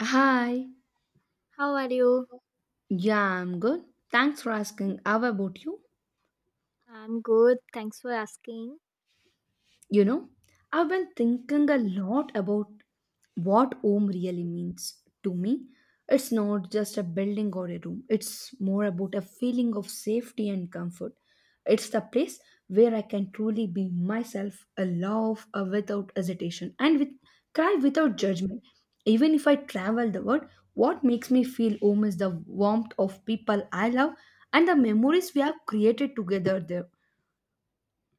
Hi. How are you? Yeah, I'm good. Thanks for asking. How about you? I'm good. Thanks for asking. You know, I've been thinking a lot about what home really means to me. It's not just a building or a room, it's more about a feeling of safety and comfort. It's the place where I can truly be myself, a love without hesitation, and with cry without judgment. Even if I travel the world, what makes me feel home is the warmth of people I love and the memories we have created together there.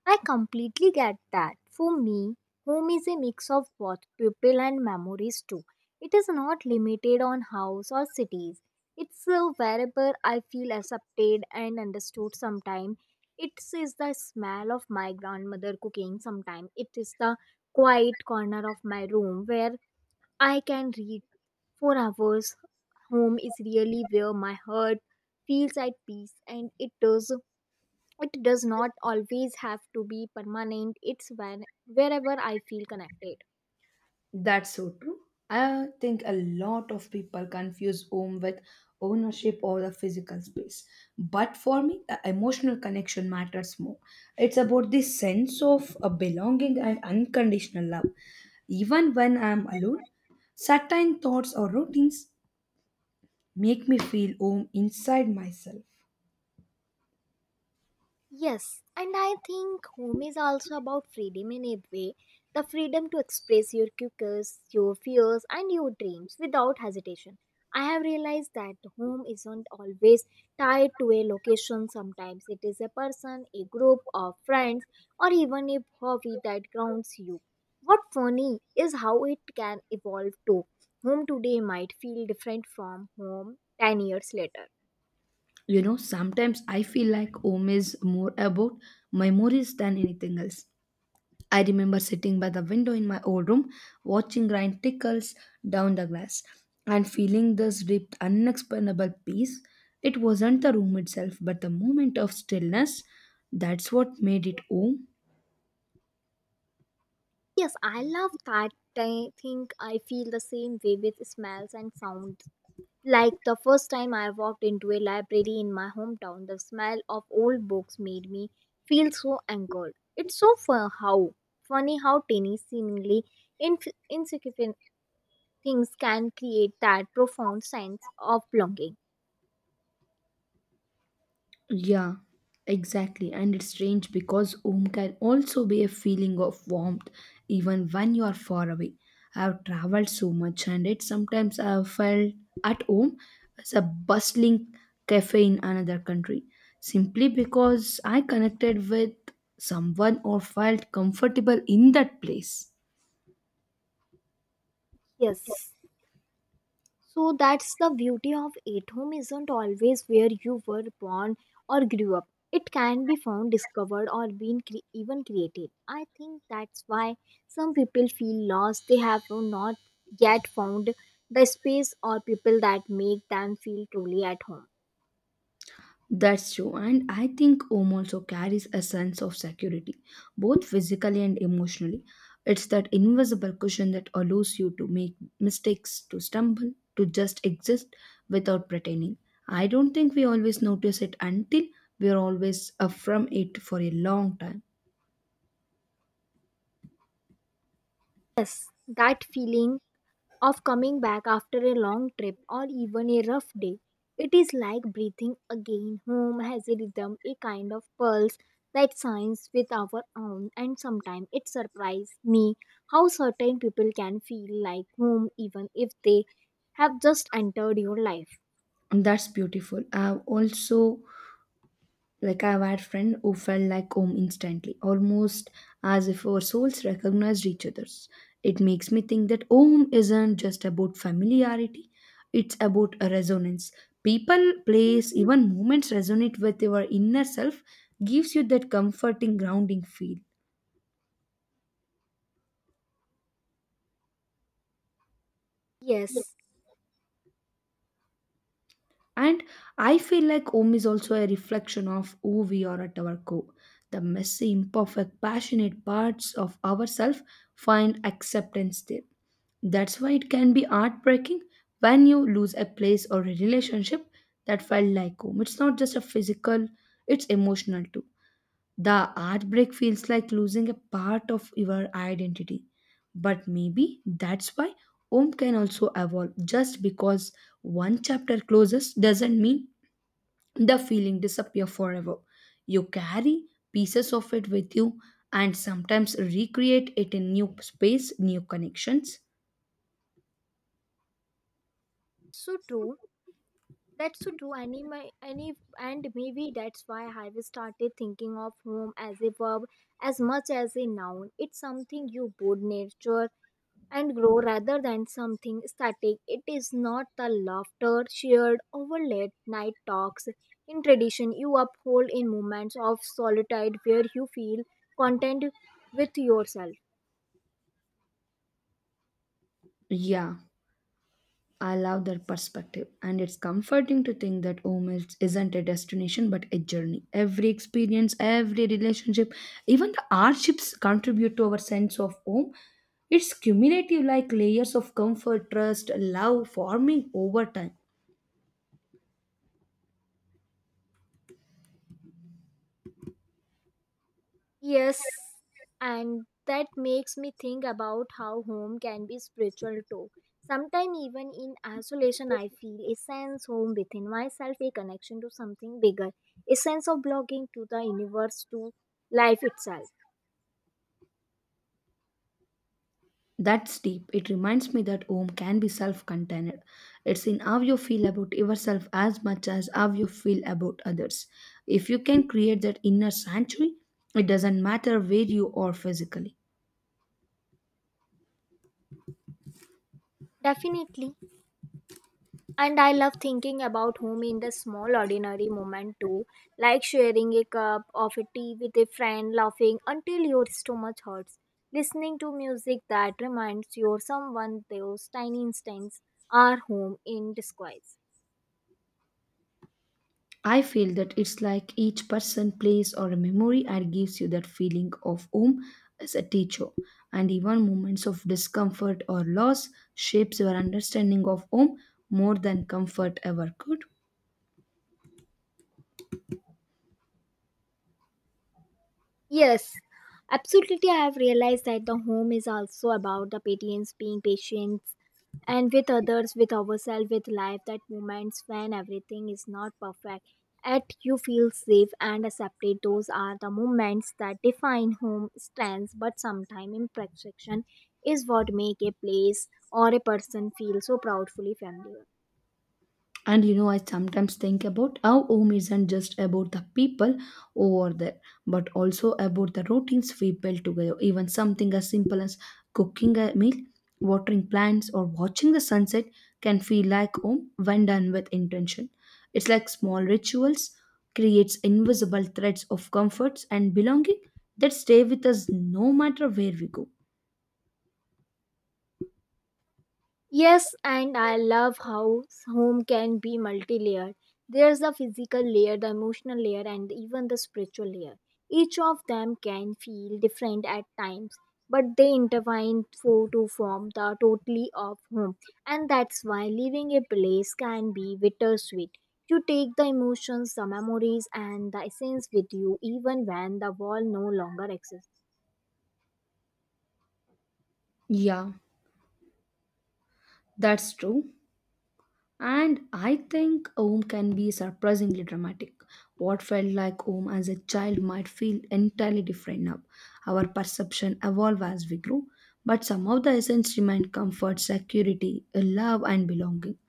I completely get that. For me, home is a mix of both people and memories too. It is not limited on house or cities. It's wherever I feel accepted and understood. Sometimes it is the smell of my grandmother cooking. Sometimes it is the quiet corner of my room where I can read for hours. Home is really where my heart feels at peace, and it does, it does not always have to be permanent. It's when, wherever I feel connected. That's so true. I think a lot of people confuse home with ownership or the physical space. But for me, the emotional connection matters more. It's about the sense of a belonging and unconditional love. Even when I'm alone, certain thoughts or routines make me feel home inside myself. Yes, and I think home is also about freedom in a way. The freedom to express your quirks, your fears, and your dreams without hesitation. I have realized that home isn't always tied to a location. Sometimes it is a person, a group of friends, or even a hobby that grounds you. What funny is how it can evolve too. Home today might feel different from home 10 years later. Sometimes I feel like home is more about memories than anything else. I remember sitting by the window in my old room, watching rain trickles down the glass, and feeling this deep, unexplainable peace. It wasn't the room itself, but the moment of stillness. That's what made it home. Yes, I love that. I think I feel the same way with smells and sounds. Like the first time I walked into a library in my hometown, the smell of old books made me feel so anchored. It's so fun how funny how tiny, seemingly insignificant things can create that profound sense of belonging. Yeah, exactly. And it's strange because home can also be a feeling of warmth even when you are far away. I've traveled so much, and it sometimes I've felt at home as a bustling cafe in another country simply because I connected with someone or felt comfortable in that place. Yes. So that's the beauty of it. Home isn't always where you were born or grew up. It can be found, discovered, or even created. I think that's why some people feel lost. They have not yet found the space or people that make them feel truly at home. That's true, and I think home also carries a sense of security, both physically and emotionally. It's that invisible cushion that allows you to make mistakes, to stumble, to just exist without pretending. I don't think we always notice it until we're always from it for a long time. Yes, that feeling of coming back after a long trip or even a rough day. It is like breathing again. Home has a rhythm, a kind of pulse that signs with our own, and sometimes it surprises me how certain people can feel like home even if they have just entered your life. And that's beautiful. I've also Like, I've had friend who felt like home instantly, almost as if our souls recognized each other's. It makes me think that home isn't just about familiarity; it's about a resonance. People, place, even moments resonate with your inner self, gives you that comforting, grounding feel. Yes, And I feel like home is also a reflection of who we are at our core. The messy, imperfect, passionate parts of ourselves find acceptance there. That's why it can be heartbreaking when you lose a place or a relationship that felt like home. It's not just a physical, it's emotional too. The art break feels like losing a part of your identity. But maybe that's why Om can also evolve. Just because one chapter closes doesn't mean the feeling disappear forever. You carry pieces of it with you and sometimes recreate it in new space, new connections. so true. That's so true. And maybe that's why I have started thinking of home as a verb as much as a noun. It's something you both nurture and grow rather than something static. It is not the laughter shared over late night talks in tradition you uphold in moments of solitude where you feel content with yourself. Yeah. I love that perspective, and it's comforting to think that home isn't a destination but a journey. Every experience, every relationship, even the hardships contribute to our sense of home. It's cumulative, like layers of comfort, trust, love forming over time. Yes, and that makes me think about how home can be spiritual too. Sometimes, even in isolation, I feel a sense home within myself, a connection to something bigger, a sense of belonging to the universe, to life itself. That's deep. It reminds me that home can be self contained. It's in how you feel about yourself as much as how you feel about others. If you can create that inner sanctuary, it doesn't matter where you are physically. Definitely. And I love thinking about home in the small, ordinary moment too, like sharing a cup of a tea with a friend, laughing until your stomach hurts, listening to music that reminds you of someone. Those tiny instants are home in disguise. I feel that it's like each person, place, or a memory and gives you that feeling of home as a teacher. And even moments of discomfort or loss shapes your understanding of home more than comfort ever could. Yes, absolutely. I have realized that the home is also about the patience, being patient and with others, with ourselves, with life, that moments when everything is not perfect, yet you feel safe and accepted. Those are the moments that define home strengths, but sometimes imperfection is what make a place or a person feel so proudfully familiar. And I sometimes think about how home isn't just about the people over there, but also about the routines we build together. Even something as simple as cooking a meal, watering plants, or watching the sunset can feel like home when done with intention. It's like small rituals creates invisible threads of comforts and belonging that stay with us no matter where we go. Yes, and I love how home can be multi layered. There's the physical layer, the emotional layer, and even the spiritual layer. Each of them can feel different at times, but they intertwine for to form the totally of home. And that's why leaving a place can be bittersweet. You take the emotions, the memories, and the essence with you even when the wall no longer exists. Yeah, that's true. And I think home can be surprisingly dramatic. What felt like home as a child might feel entirely different now. Our perception evolve as we grow, but some of the essence remain comfort, security, love and belonging.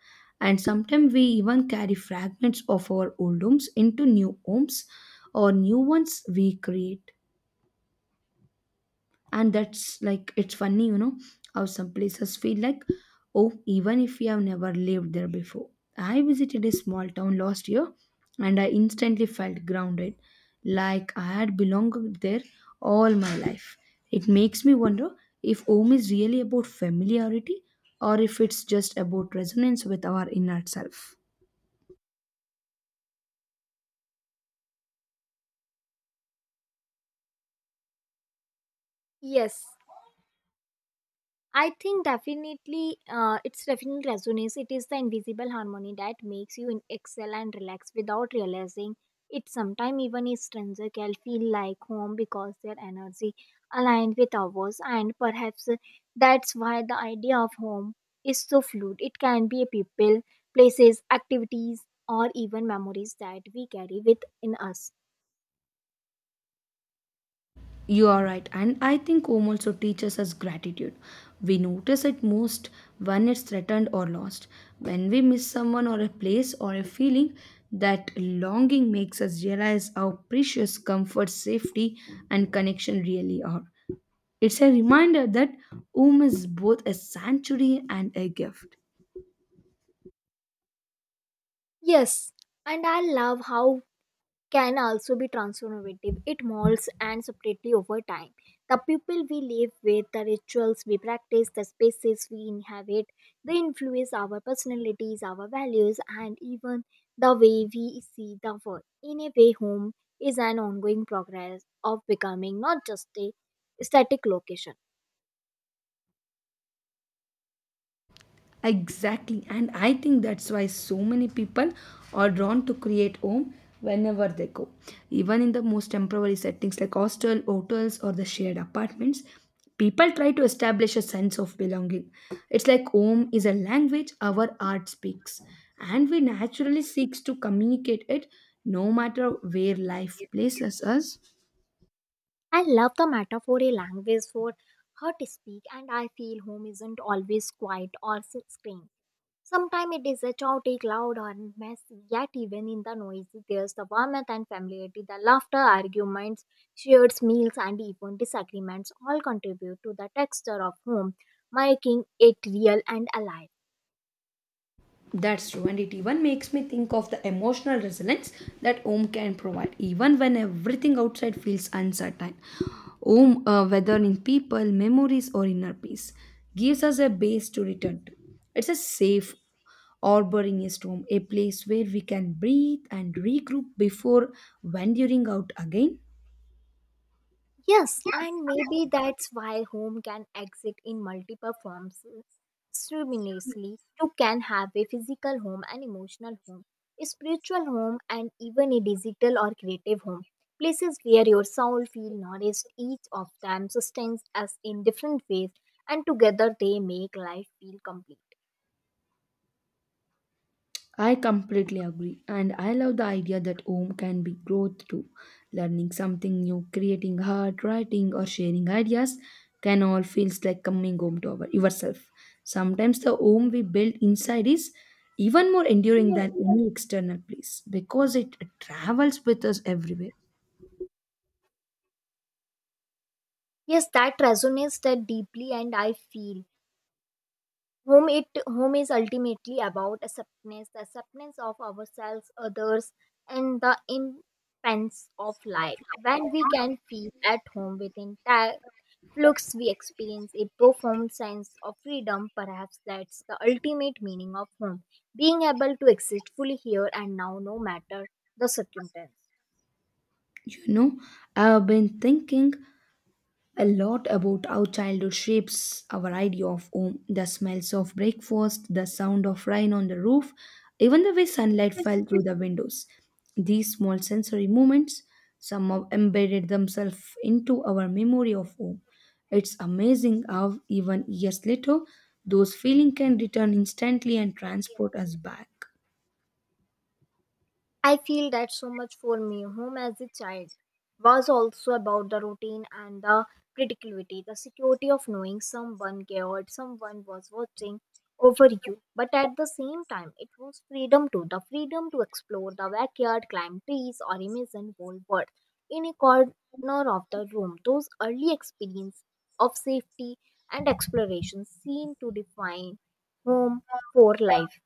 And sometimes we even carry fragments of our old homes into new homes or new ones we create, and that's like, it's funny, you know how some places feel like, oh, even if you have never lived there before. I visited a small town last year, and I instantly felt grounded, like I had belonged there all my life. It makes me wonder if home is really about familiarity, or if it's just about resonance with our inner self. Yes, I think definitely, it's definitely resonates. It is the invisible harmony that makes you in excel and relax without realizing it. Sometimes even a stranger can feel like home because their energy aligned with ours, and perhaps that's why the idea of home is so fluid. It can be a people, places, activities, or even memories that we carry within us. You are right, and I think home also teaches us gratitude. We notice it most when it's threatened or lost. When we miss someone or a place or a feeling, that longing makes us realize how precious comfort, safety, and connection really are. It's a reminder that home is both a sanctuary and a gift. Yes, and I love how can also be transformative. It molds and separately over time. The people we live with, the rituals we practice, the spaces we inhabit, they influence our personalities, our values, and even the way we see the world. In a way, home is an ongoing progress of becoming, not just a static location. Exactly, and I think that's why so many people are drawn to create home whenever they go. Even in the most temporary settings like hostel, hotels, or the shared apartments, people try to establish a sense of belonging. It's like home is a language our art speaks, and we naturally seeks to communicate it no matter where life places us. I love the metaphor a language for how to speak, and I feel home isn't always quiet or screen. Sometimes it is a chaotic, loud, and messy, yet even in the noise, there's the warmth and familiarity. The laughter, arguments, shared meals, and even disagreements all contribute to the texture of home, making it real and alive. That's true, and it even makes me think of the emotional resilience that Om can provide, even when everything outside feels uncertain. Om, whether in people, memories, or inner peace, gives us a base to return to. It's a safe harbor in a storm, a place where we can breathe and regroup before venturing out again. Yes, and maybe that's why home can exist in multiple forms simultaneously. You can have a physical home, an emotional home, a spiritual home, and even a digital or creative home. Places where your soul feels nourished, each of them sustains us in different ways, and together they make life feel complete. I completely agree, and I love the idea that home can be growth too. Learning something new, creating art, writing, or sharing ideas can all feels like coming home to yourself. Sometimes the home we build inside is even more enduring than any external place because it travels with us everywhere. Yes, that resonates that deeply, and I feel home is ultimately about acceptance, the acceptance of ourselves, others, and the impense of life. When we can feel at home within entire flux, we experience a profound sense of freedom. Perhaps that's the ultimate meaning of home: being able to exist fully here and now, no matter the circumstance. You know, I've been thinking a lot about how childhood shapes our idea of home. The smells of breakfast, the sound of rain on the roof, even the way sunlight fell through the windows. These small sensory moments somehow embedded themselves into our memory of home. It's amazing how, even years later, those feelings can return instantly and transport us back. I feel that so much for me. Home as a child was also about the routine and the predictability, the security of knowing someone cared, someone was watching over you. But at the same time, it was freedom too, the freedom to explore the backyard, climb trees, or imagine whole world in a corner of the room. Those early experiences of safety and exploration seem to define home for life.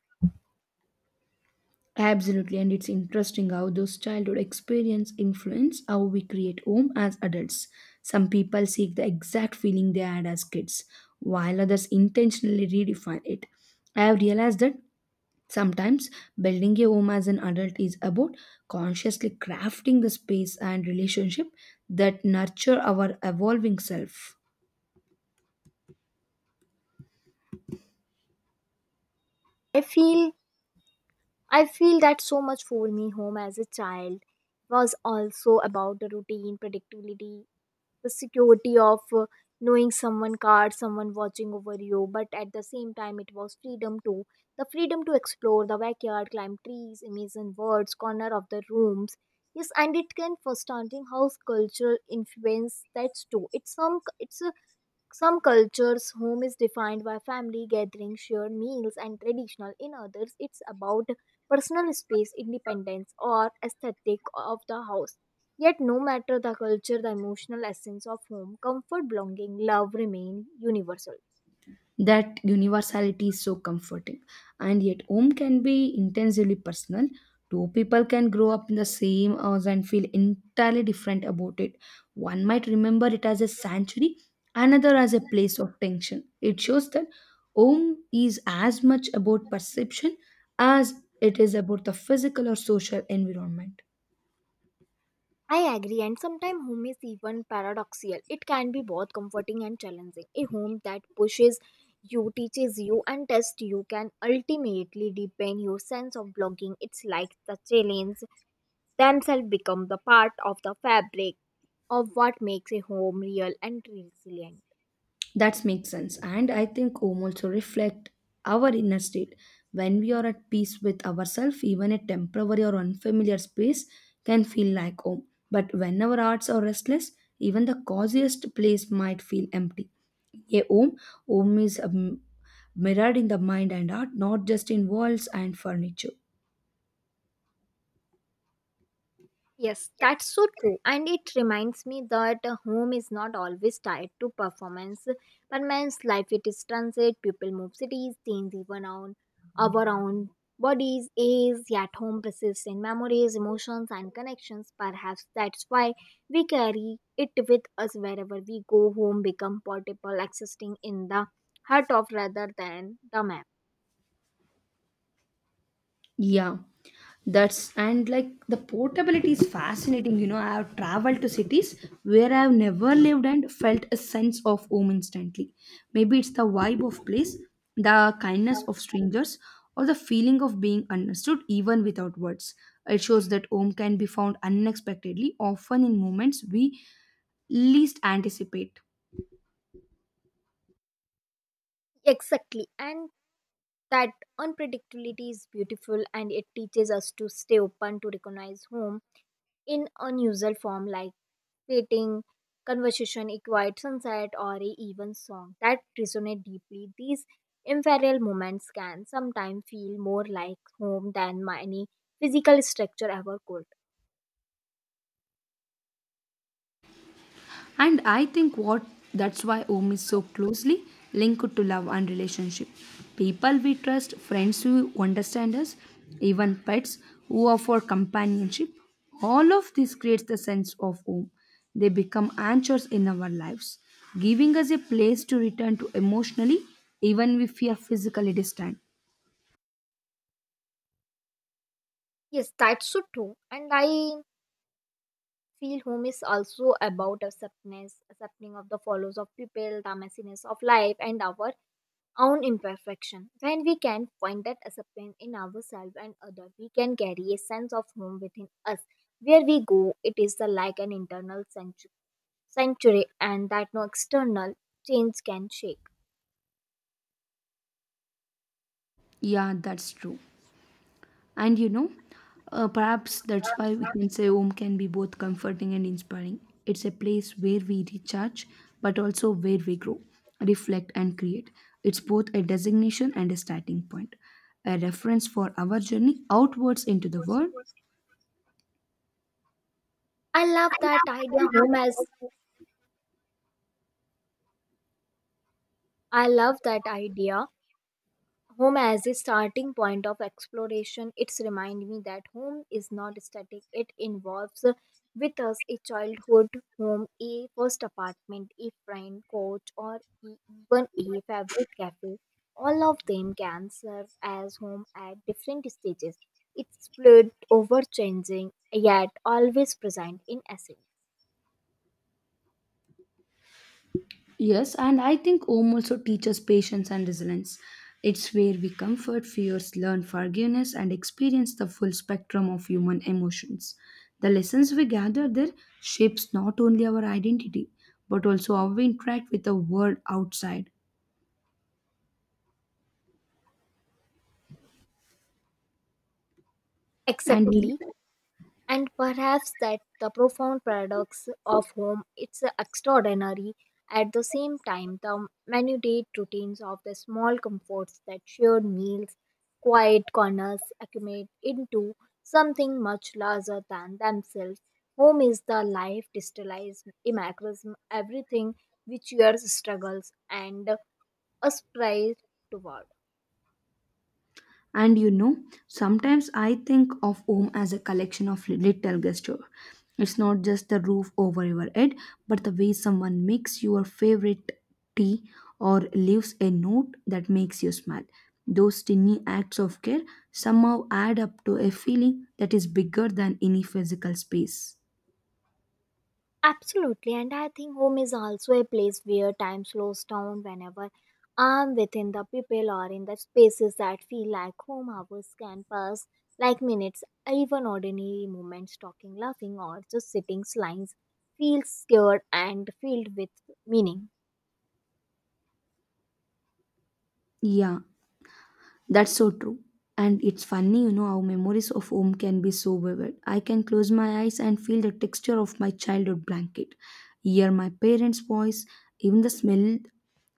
Absolutely, and it's interesting how those childhood experience influence how we create home as adults. Some people seek the exact feeling they had as kids, while others intentionally redefine it. I have realized that sometimes building a home as an adult is about consciously crafting the space and relationship that nurture our evolving self. I feel I feel that so much for me. Home as a child was also about the routine, predictability, the security of knowing someone card, someone watching over you, but at the same time it was freedom too. The freedom to explore the backyard, climb trees, imagine words, corner of the rooms. Yes, and it can understanding how cultural influence that's too. It's some cultures, home is defined by family gatherings, shared meals, and traditional. In others, it's about personal space, independence, or aesthetic of the house. Yet, no matter the culture, the emotional essence of home, comfort, belonging, love, remain universal. That universality is so comforting, and yet home can be intensely personal. Two people can grow up in the same house and feel entirely different about it. One might remember it as a sanctuary, another as a place of tension. It shows that home is as much about perception as it is about the physical or social environment. I agree, and sometimes home is even paradoxical. It can be both comforting and challenging. A home that pushes you, teaches you, and tests you can ultimately deepen your sense of belonging. It's like the challenge themselves become the part of the fabric of what makes a home real and resilient. That makes sense. And I think home also reflect our inner state. When we are at peace with ourselves, even a temporary or unfamiliar space can feel like home. But when our hearts are restless, even the coziest place might feel empty. A home is mirrored in the mind and heart, not just in walls and furniture. Yes, that's so true. And it reminds me that a home is not always tied to performance. But man's life it is transit, people move cities, things even on our own bodies, age, yet home persists in memories, emotions, and connections. Perhaps that's why we carry it with us wherever we go. Home become portable, existing in the heart of rather than the map. Yeah, that's and like the portability is fascinating. I have traveled to cities where I have never lived and felt a sense of home instantly. Maybe it's the vibe of place, the kindness of strangers, or the feeling of being understood even without words. It shows that home can be found unexpectedly, often in moments we least anticipate. Exactly. And that unpredictability is beautiful, and it teaches us to stay open to recognize home in unusual form like waiting, conversation, a quiet sunset, or a even song that resonate deeply. These ephemeral moments can sometimes feel more like home than any physical structure ever could. And I think what that's why home is so closely linked to love and relationship. People we trust, friends who understand us, even pets who offer companionship. All of this creates the sense of home. They become anchors in our lives, giving us a place to return to emotionally, even if we are physically distant. Yes, that's so true. And I feel home is also about acceptance, accepting of the follows of people, the messiness of life, and our own imperfection. When we can find that acceptance in ourselves and others, we can carry a sense of home within us. Where we go, it is the like an internal sanctuary, and that no external change can shake. Yeah, that's true. And perhaps that's why we can say home can be both comforting and inspiring. It's a place where we recharge, but also where we grow, reflect, and create. It's both a designation and a starting point, a reference for our journey outwards into the world. I love that idea. Home as I love that idea. Home as a starting point of exploration, it's remind me that home is not static. It involves with us, a childhood home, a first apartment, a friend coach, or even a favorite cafe. All of them can serve as home at different stages. It's fluid over changing, yet always present in essence. Yes, and I think home also teaches patience and resilience. It's where we comfort fears, learn forgiveness, and experience the full spectrum of human emotions. The lessons we gather there shapes not only our identity, but also how we interact with the world outside. And we Exactly. And perhaps that the profound paradox of home, it's extraordinary at the same time the minute routines of the small comforts, that shared meals, quiet corners, accumulate into something much larger than themselves. Home is the life distillized immaculism, everything which your struggles and aspire toward. And sometimes I think of home as a collection of little gesture. It's not just the roof over your head, but the way someone makes your favorite tea or leaves a note that makes you smile. Those tiny acts of care somehow add up to a feeling that is bigger than any physical space. Absolutely, and I think home is also a place where time slows down. Whenever I'm within the people or in the spaces that feel like home, hours can pass like minutes, even ordinary moments, talking, laughing, or just sitting, slimes, feel scared and filled with meaning. Yeah, that's so true. And it's funny, how memories of home can be so vivid. I can close my eyes and feel the texture of my childhood blanket, hear my parents' voice, even the smell,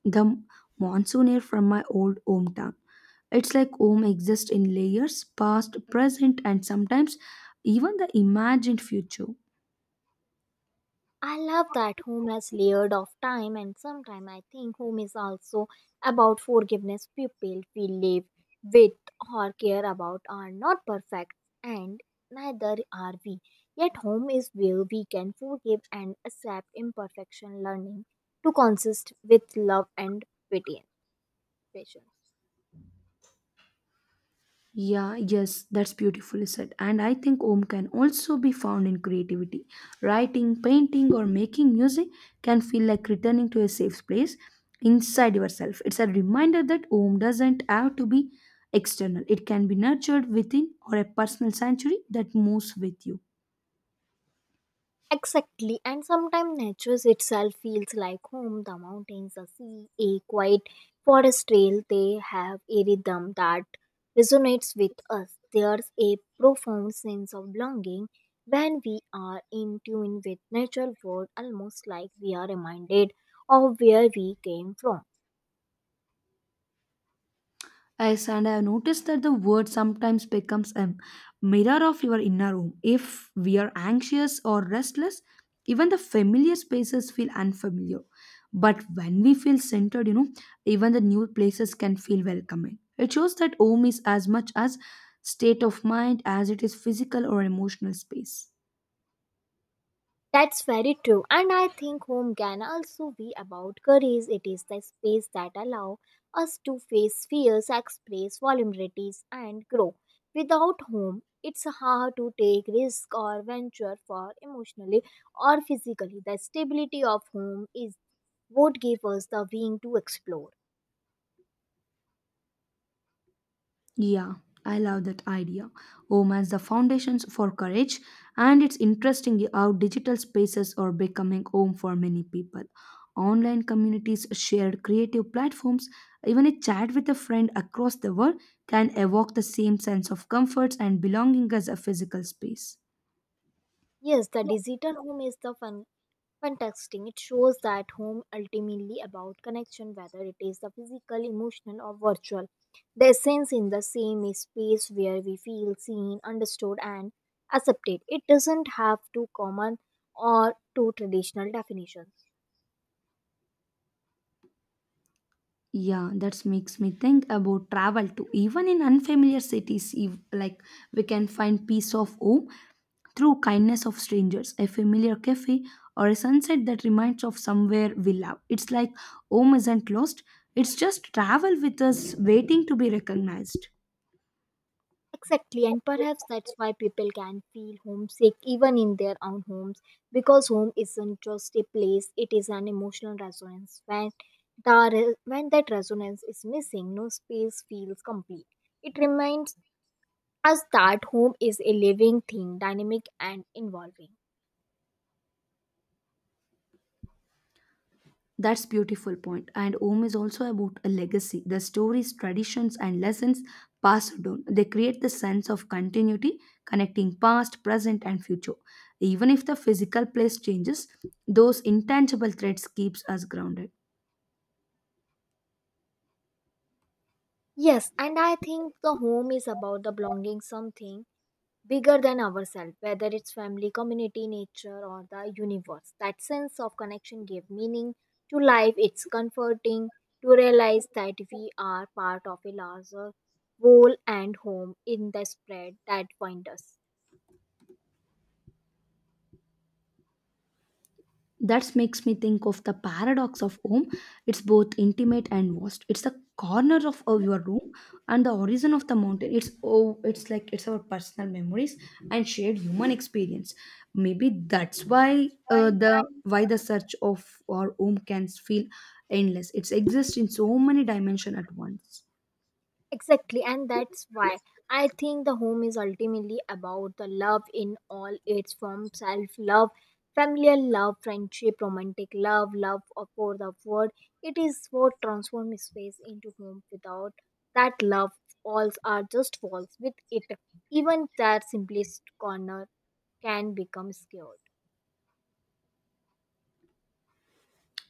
the monsoon air from my old hometown. It's like home exists in layers, past, present, and sometimes even the imagined future. I love that home has layered of time, and sometimes I think home is also about forgiveness. People we live with or care about are not perfect, and neither are we. Yet home is where we can forgive and accept imperfection, learning to consist with love and pati- patience. Yeah, yes, that's beautifully said. And I think Om can also be found in creativity. Writing, painting, or making music can feel like returning to a safe place inside yourself. It's a reminder that Om doesn't have to be external, it can be nurtured within or a personal sanctuary that moves with you. Exactly, and sometimes nature itself feels like home. The mountains, the sea, a quiet forest trail, they have a rhythm that resonates with us. There's a profound sense of belonging when we are in tune with natural world, almost like we are reminded of where we came from. Yes, and I have noticed that the word sometimes becomes a mirror of your inner room. If we are anxious or restless, even the familiar spaces feel unfamiliar. But when we feel centered, you know, even the new places can feel welcoming. It shows that home is as much as state of mind as it is physical or emotional space. That's very true. And I think home can also be about courage. It is the space that allows us to face fears, express vulnerabilities, and grow. Without home, it's hard to take risk or venture for emotionally or physically. The stability of home is what gives us the wing to explore. Yeah, I love that idea. Omens, the foundations for courage, and it's interesting how digital spaces are becoming home for many people. Online communities, shared creative platforms, even a chat with a friend across the world can evoke the same sense of comfort and belonging as a physical space. Yes, the digital home is the fun contexting. It shows that home ultimately about connection, whether it is the physical, emotional, or virtual. The essence in the same is space where we feel seen, understood, and accepted. It doesn't have to common or two traditional definitions. Yeah, that makes me think about travel too. Even in unfamiliar cities, like we can find peace of home through kindness of strangers, a familiar cafe, or a sunset that reminds of somewhere we love. It's like home isn't lost, it's just travel with us waiting to be recognized. Exactly, and perhaps that's why people can feel homesick even in their own homes, because home isn't just a place, it is an emotional resonance. When, when that resonance is missing, no space feels complete. It reminds us that home is a living thing, dynamic and involving. That's beautiful point. And home is also about a legacy. The stories, traditions, and lessons passed down. They create the sense of continuity, connecting past, present, and future. Even if the physical place changes, those intangible threads keeps us grounded. Yes, and I think the home is about the belonging something bigger than ourselves, whether it's family, community, nature, or the universe. That sense of connection gave meaning to life. It's comforting to realize that we are part of a larger whole, and home in the spread that binds us. That makes me think of the paradox of home. It's both intimate and vast. It's the corner of your room and the origin of the mountain. It's oh it's like it's our personal memories and shared human experience. Maybe that's why the search of our home can feel endless. It exists in so many dimensions at once. Exactly, and that's why I think the home is ultimately about the love in all its forms: self love, familial love, friendship, romantic love, for the world. It is what transforms space into home. Without that love, walls are just walls. With it, even their simplest corner can become scared.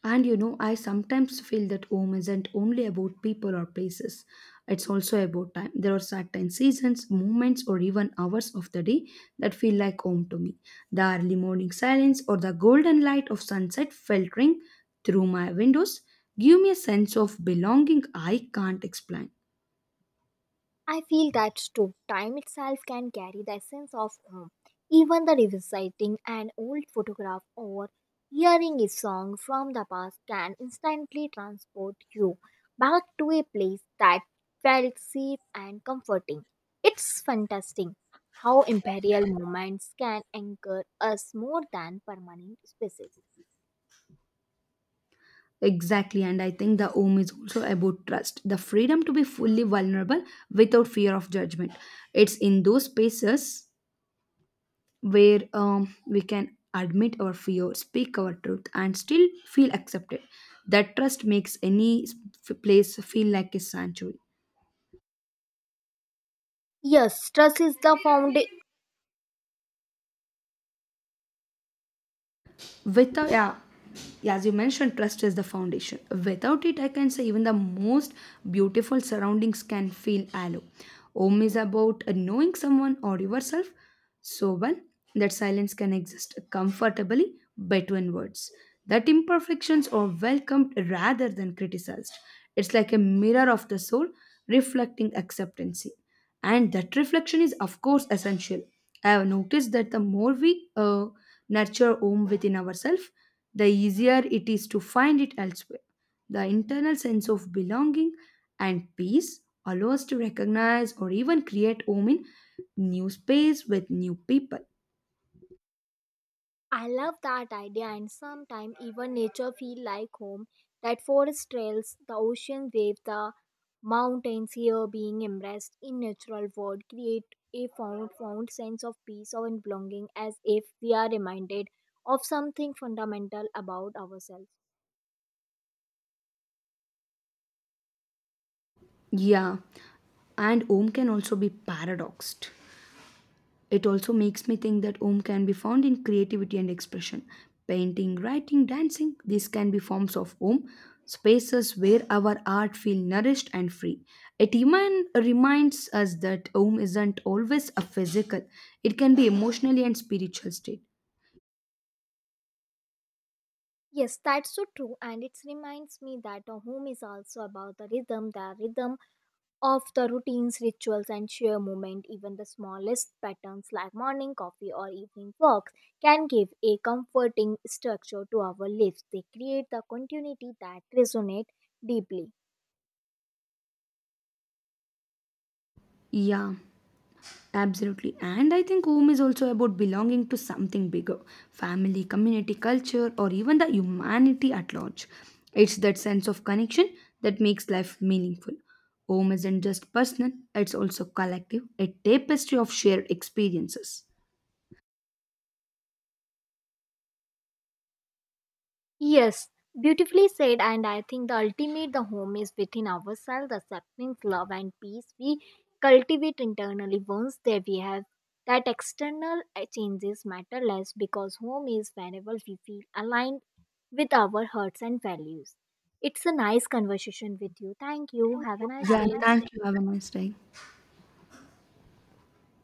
And you know, I sometimes feel that home isn't only about people or places. It's also about time. There are certain seasons, moments, or even hours of the day that feel like home to me. The early morning silence or the golden light of sunset filtering through my windows give me a sense of belonging I can't explain. I feel that too. Time itself can carry the essence of home. Even the revisiting an old photograph or hearing a song from the past can instantly transport you back to a place that felt safe and comforting. It's fantastic how imperial moments can anchor us more than permanent spaces. Exactly, and I think the home is also about trust, the freedom to be fully vulnerable without fear of judgment. It's in those spaces where we can admit our fear, speak our truth, and still feel accepted. That trust makes place feel like a sanctuary. Yes, trust is the found. Without, yeah, yeah, as you mentioned, trust is the foundation. Without it, I can say even the most beautiful surroundings can feel hollow. Home is about knowing someone or yourself so well that silence can exist comfortably between words, that imperfections are welcomed rather than criticized. It's like a mirror of the soul reflecting acceptance, and that reflection is of course essential. I have noticed that the more we uh, nurture home within ourselves, the easier it is to find it elsewhere. The internal sense of belonging and peace allows us to recognize or even create home in new space with new people. I love that idea, and sometimes even nature feel like home. That forest trails, the ocean wave, the mountains here being embraced in natural world create a found sense of peace and belonging, as if we are reminded of something fundamental about ourselves. Yeah, and home can also be paradoxed. It also makes me think that Om can be found in creativity and expression. Painting, writing, dancing, these can be forms of Om, spaces where our art feel nourished and free. It even reminds us that Om isn't always a physical, it can be emotionally and spiritual state. Yes, that's so true, and it reminds me that a home is also about the rhythm, of the routines, rituals, and sheer moment. Even the smallest patterns like morning coffee or evening walks can give a comforting structure to our lives. They create the continuity that resonates deeply. Yeah. Absolutely. And I think home is also about belonging to something bigger, family, community, culture, or even the humanity at large. It's that sense of connection that makes life meaningful. Home isn't just personal, it's also collective, a tapestry of shared experiences. Yes, beautifully said. And I think the ultimate, the home is within ourselves, accepting love and peace we cultivate internally. Once there we have that external changes matter less, because home is whenever we feel aligned with our hearts and values. It's a nice conversation with you. Thank you. Have a nice Yeah, day. thank you. Have a nice day.